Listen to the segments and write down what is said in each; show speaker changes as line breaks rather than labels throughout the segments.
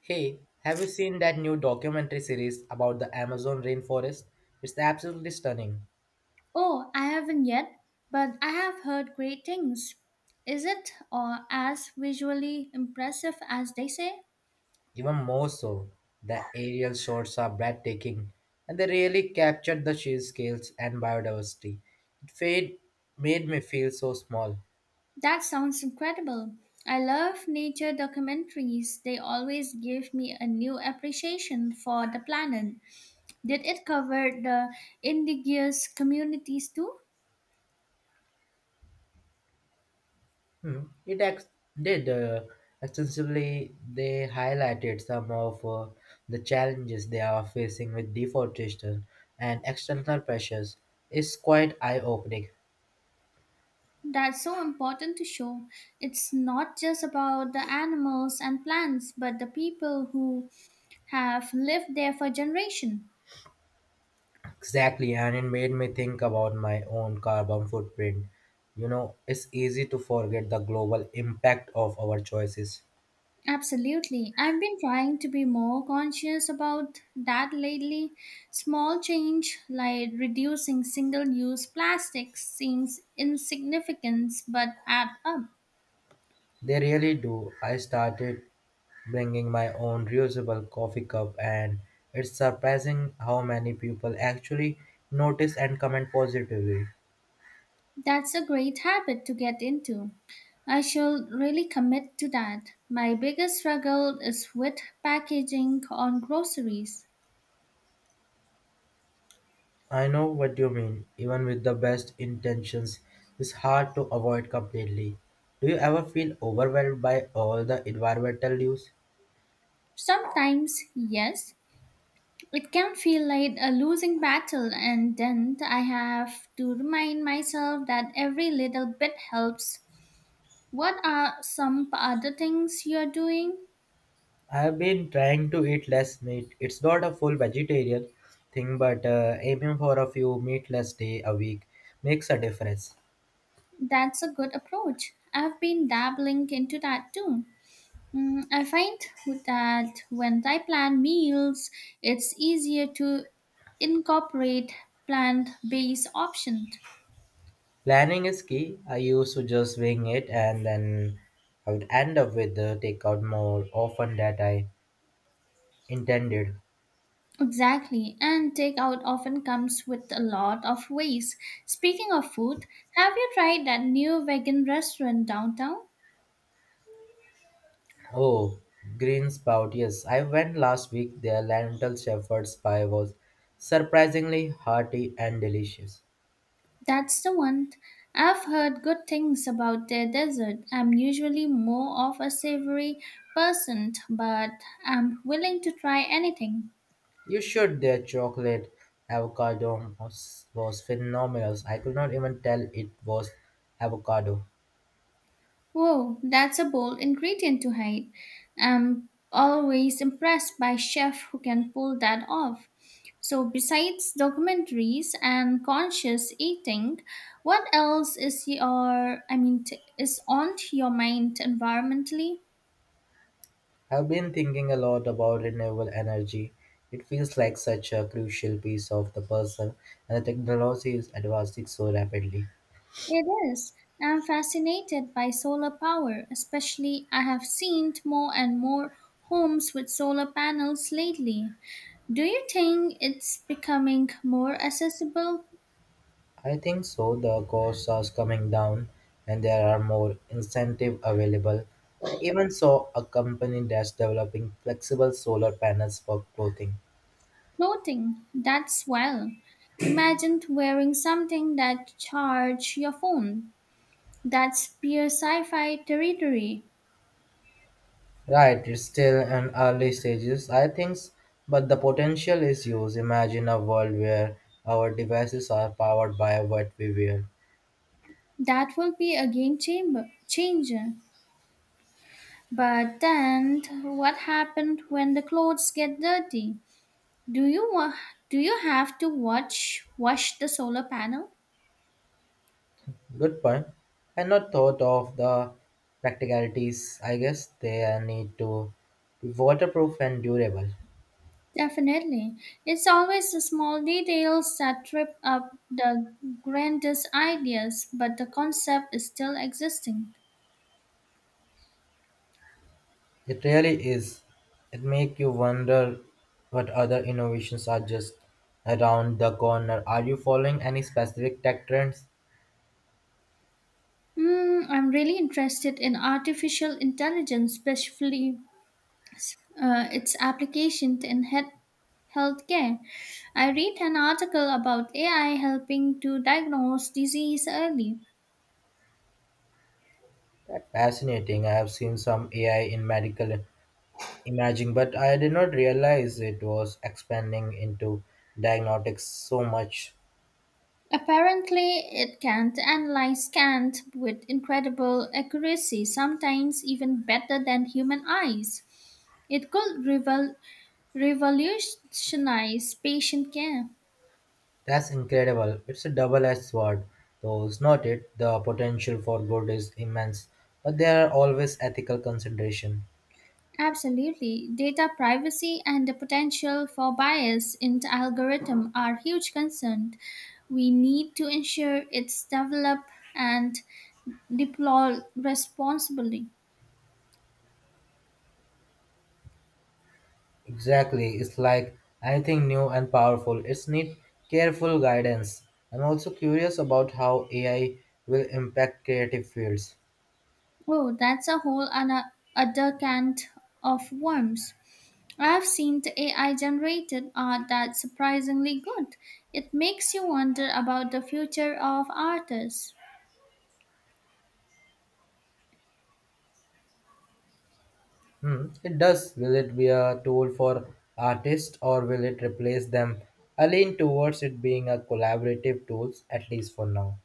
Hey, have you seen that new documentary series about the Amazon rainforest? It's absolutely stunning.
Oh, I haven't yet, but I have heard great things. Is it or as visually impressive as they say?
Even more so, the aerial shots are breathtaking and they really captured the sheer scales and biodiversity. It fade, Made me feel so small.
That sounds incredible. I love nature documentaries. They always give me a new appreciation for the planet. Did it cover the indigenous communities too?
Hmm. It did extensively, they highlighted some of the challenges they are facing with deforestation and external pressures. It's quite eye opening.
That's so important to show. It's not just about the animals and plants, but the people who have lived there for generations.
Exactly, and it made me think about my own carbon footprint. You know, it's easy to forget the global impact of our choices.
Absolutely. I've been trying to be more conscious about that lately. Small change like reducing single use plastics seems insignificant but add up.
They really do. I started bringing my own reusable coffee cup, and it's surprising how many people actually notice and comment positively.
That's a great habit to get into. I shall really commit to that. My biggest struggle is with packaging on groceries.
I know what you mean, even with the best intentions, it's hard to avoid completely. Do you ever feel overwhelmed by all the environmental news?
Sometimes, yes, it can feel like a losing battle, and then I have to remind myself that every little bit helps. What are some other things you're doing?
I have been trying to eat less meat. It's not a full vegetarian thing, but aiming for a few meatless day a week makes a difference.
That's a good approach. I've been dabbling into that too. Mm, I find that when I plan meals, it's easier to incorporate plant based options.
Planning is key. I used to just wing it, and then I would end up with the takeout more often than I intended.
Exactly, and takeout often comes with a lot of waste. Speaking of food, have you tried that new vegan restaurant downtown?
Oh, green spout! Yes, I went last week. Their lentil shepherd's pie was surprisingly hearty and delicious.
That's the one. I've heard good things about their dessert. I'm usually more of a savory person, but I'm willing to try anything.
You should. Their chocolate avocado was phenomenal. I could not even tell it was avocado.
Whoa, that's a bold ingredient to hide. I'm always impressed by chefs who can pull that off. So, besides documentaries and conscious eating, what else is your, I mean, is on your mind environmentally?
I've been thinking a lot about renewable energy. It feels like such a crucial piece of the puzzle, and the technology is advancing so rapidly.
It is. I'm fascinated by solar power, especially I have seen more and more homes with solar panels lately. Do you think it's becoming more accessible?
I think so. The costs are coming down, and there are more incentive available. I even saw a company that's developing flexible solar panels for clothing.
Clothing, that's well. Imagine wearing something that charge your phone. That's pure sci-fi territory.
Right, it's still in early stages, I think, but the potential is huge. Imagine a world where our devices are powered by what we wear.
That will be a game chamber changer. But then what happened when the clothes get dirty? Do you wa- do you have to watch wash the solar panel?
Good point. I not thought of the practicalities. I guess they need to be waterproof and durable.
Definitely. It's always the small details that trip up the grandest ideas, but the concept is still existing.
It really is. It make you wonder what other innovations are just around the corner. Are you following any specific tech trends?
Hmm, I'm really interested in artificial intelligence, especially its application in healthcare. I read an article about AI helping to diagnose disease early.
That's fascinating. I have seen some AI in medical imaging, but I did not realize it was expanding into diagnostics so much.
Apparently, it can analyze scans with incredible accuracy, sometimes even better than human eyes. It could revolutionize patient care.
That's incredible. It's a double edged sword, though, is not it? The potential for good is immense, but there are always ethical considerations.
Absolutely. Data privacy and the potential for bias in the algorithm are huge concerns. We need to ensure it's developed and deployed responsibly.
Exactly, it's like anything new and powerful, it's need careful guidance. I'm also curious about how AI will impact creative fields.
Oh, that's a whole other can of worms. I've seen the AI generated art that's surprisingly good. It makes you wonder about the future of artists.
Hmm, it does. Will it be a tool for artists or will it replace them? I lean towards it being a collaborative tool, at least for now.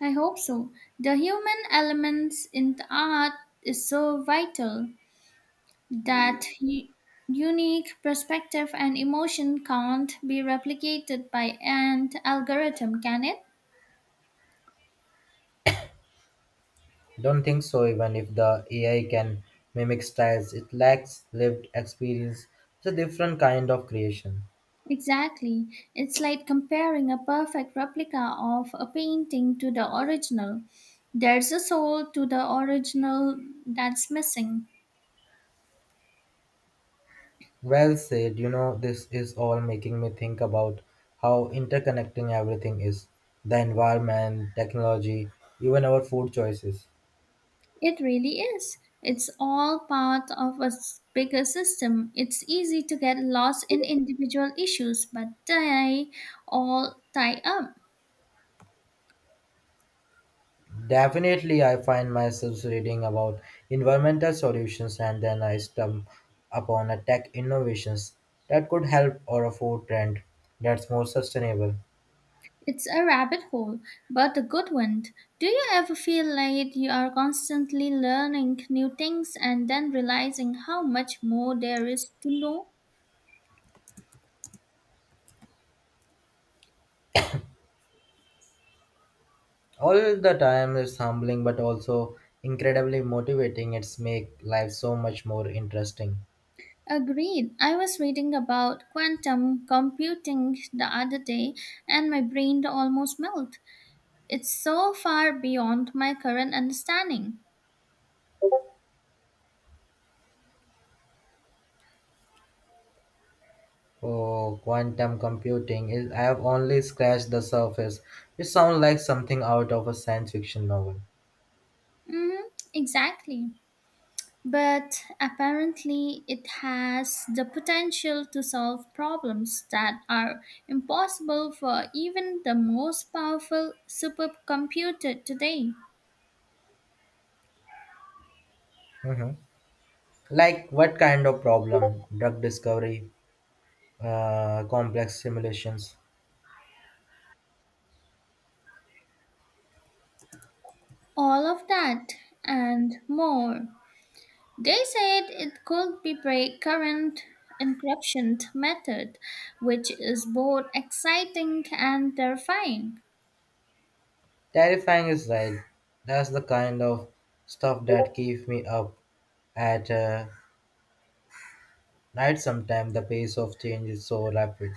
I hope so. The human elements in the art is so vital. That u- Unique perspective and emotion can't be replicated by an algorithm, can it?
Don't think so, even if the AI can mimic styles, it lacks lived experience. It's a different kind of creation.
Exactly. It's like comparing a perfect replica of a painting to the original. There's a soul to the original that's missing.
Well said, you know, this is all making me think about how interconnecting everything is: the environment, technology, even our food choices.
It really is. It's all part of a bigger system. It's easy to get lost in individual issues, but they all tie up.
Definitely, I find myself reading about environmental solutions and then I stumble upon a tech innovations that could help or a food trend that's more sustainable.
It's a rabbit hole, but a good one. Do you ever feel like you are constantly learning new things and then realizing how much more there is to know?
All the time is humbling but also incredibly motivating. It's make life so much more interesting.
Agreed. I was reading about quantum computing the other day and my brain almost melted. It's so far beyond my current understanding.
Oh, quantum computing is I have only scratched the surface. It sounds like something out of a science fiction novel.
Hmm, exactly. But apparently, it has the potential to solve problems that are impossible for even the most powerful supercomputer today.
Hmm. Like what kind of problem? Drug discovery, complex simulations.
All of that and more. They said it could be break current encryption method, which is both exciting and terrifying.
Terrifying is right. That's the kind of stuff that keeps me up at night sometimes. The pace of change is so rapid.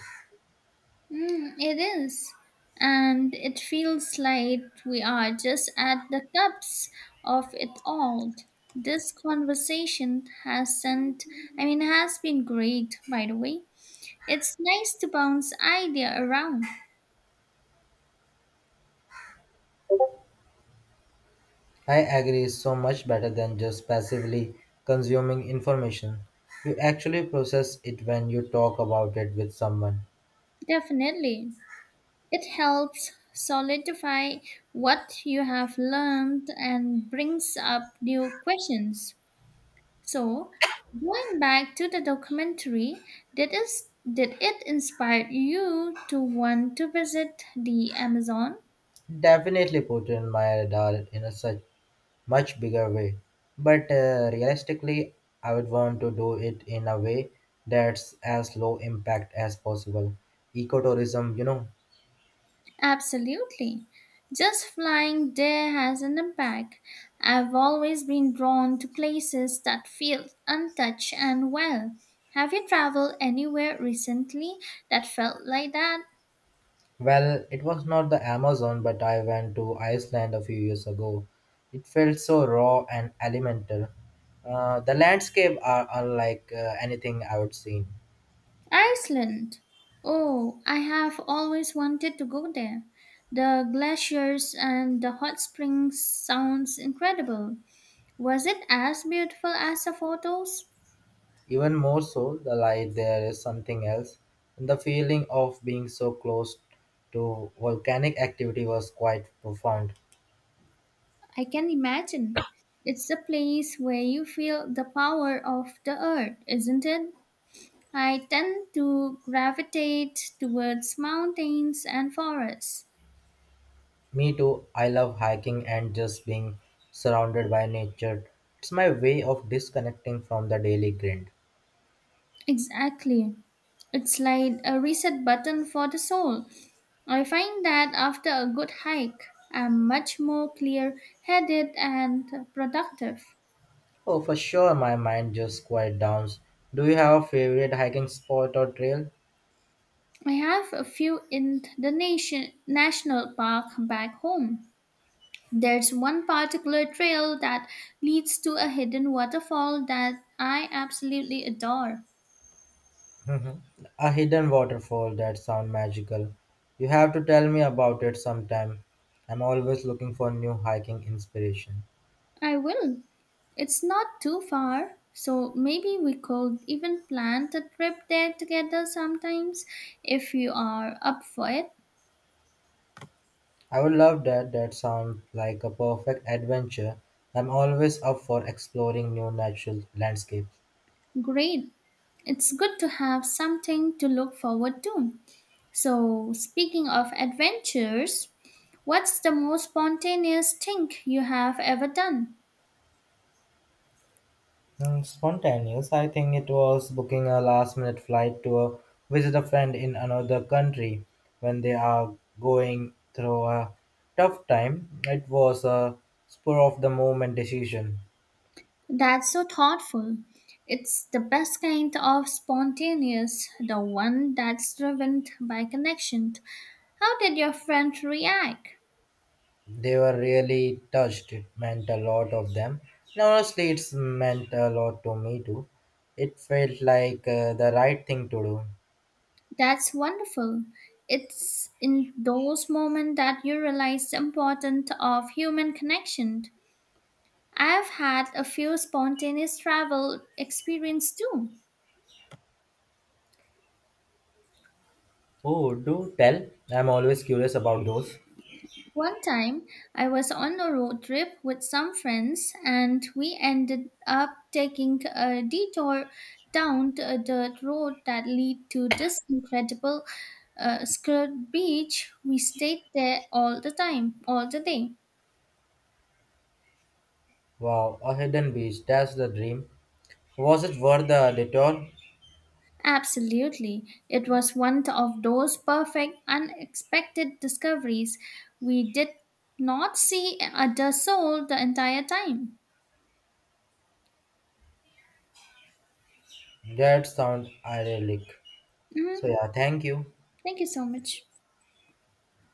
Mm, it is. And it feels like we are just at the cusp of it all. This conversation has not I mean, has been great, by the way. It's nice to bounce idea around.
I agree, it's so much better than just passively consuming information. You actually process it when you talk about it with someone.
Definitely. It helps solidify what you have learned and brings up new questions. So, going back to the documentary, did it, did it inspire you to want to visit the Amazon?
Definitely put in my radar in a such much bigger way. But realistically, I would want to do it in a way that's as low impact as possible. Ecotourism, you know.
Absolutely. Just flying there has an impact. I've always been drawn to places that feel untouched and wild. Have you traveled anywhere recently that felt like that?
Well, it was not the Amazon, but I went to Iceland a few years ago. It felt so raw and elemental. The landscape are unlike anything I would seen.
Iceland! Oh, I have always wanted to go there. The glaciers and the hot springs sounds incredible. Was it as beautiful as the photos?
Even more so, the light there is something else. And the feeling of being so close to volcanic activity was quite profound.
I can imagine. It's a place where you feel the power of the earth, isn't it? I tend to gravitate towards mountains and forests.
Me too. I love hiking and just being surrounded by nature. It's my way of disconnecting from the daily grind.
Exactly. It's like a reset button for the soul. I find that after a good hike, I'm much more clear headed and productive.
Oh, for sure, my mind just quiet down. Do you have a favorite hiking spot or trail?
I have a few in the national park back home. There's one particular trail that leads to a hidden waterfall that I absolutely adore.
Hmm. A hidden waterfall, that sound magical. You have to tell me about it sometime. I'm always looking for new hiking inspiration.
I will. It's not too far, so maybe we could even plan a trip there together sometimes if you are up for it.
I would love that. That sounds like a perfect adventure. I'm always up for exploring new natural landscapes.
Great. It's good to have something to look forward to. So, speaking of adventures, what's the most spontaneous thing you have ever done?
Mm, spontaneous. I think it was booking a last minute flight to visit a friend in another country when they are going through a tough time. It was a spur of the moment decision.
That's so thoughtful. It's the best kind of spontaneous, the one that's driven by connection. How did your friend react?
They were really touched. It meant a lot of them. And honestly, it's meant a lot to me too. It felt like the right thing to do.
That's wonderful. It's in those moments that you realize the importance of human connection. I've had a few spontaneous travel experience too.
Oh, do tell. I'm always curious about those.
One time, I was on a road trip with some friends and we ended up taking a detour down to a dirt road that lead to this incredible skirt beach. We stayed there all the time, all the day.
Wow, a hidden beach. That's the dream. Was it worth the detour?
Absolutely. It was one of those perfect, unexpected discoveries. We did not see a soul the entire time.
That sounds idyllic.
Mhm.
So yeah, thank you.
Thank you so much.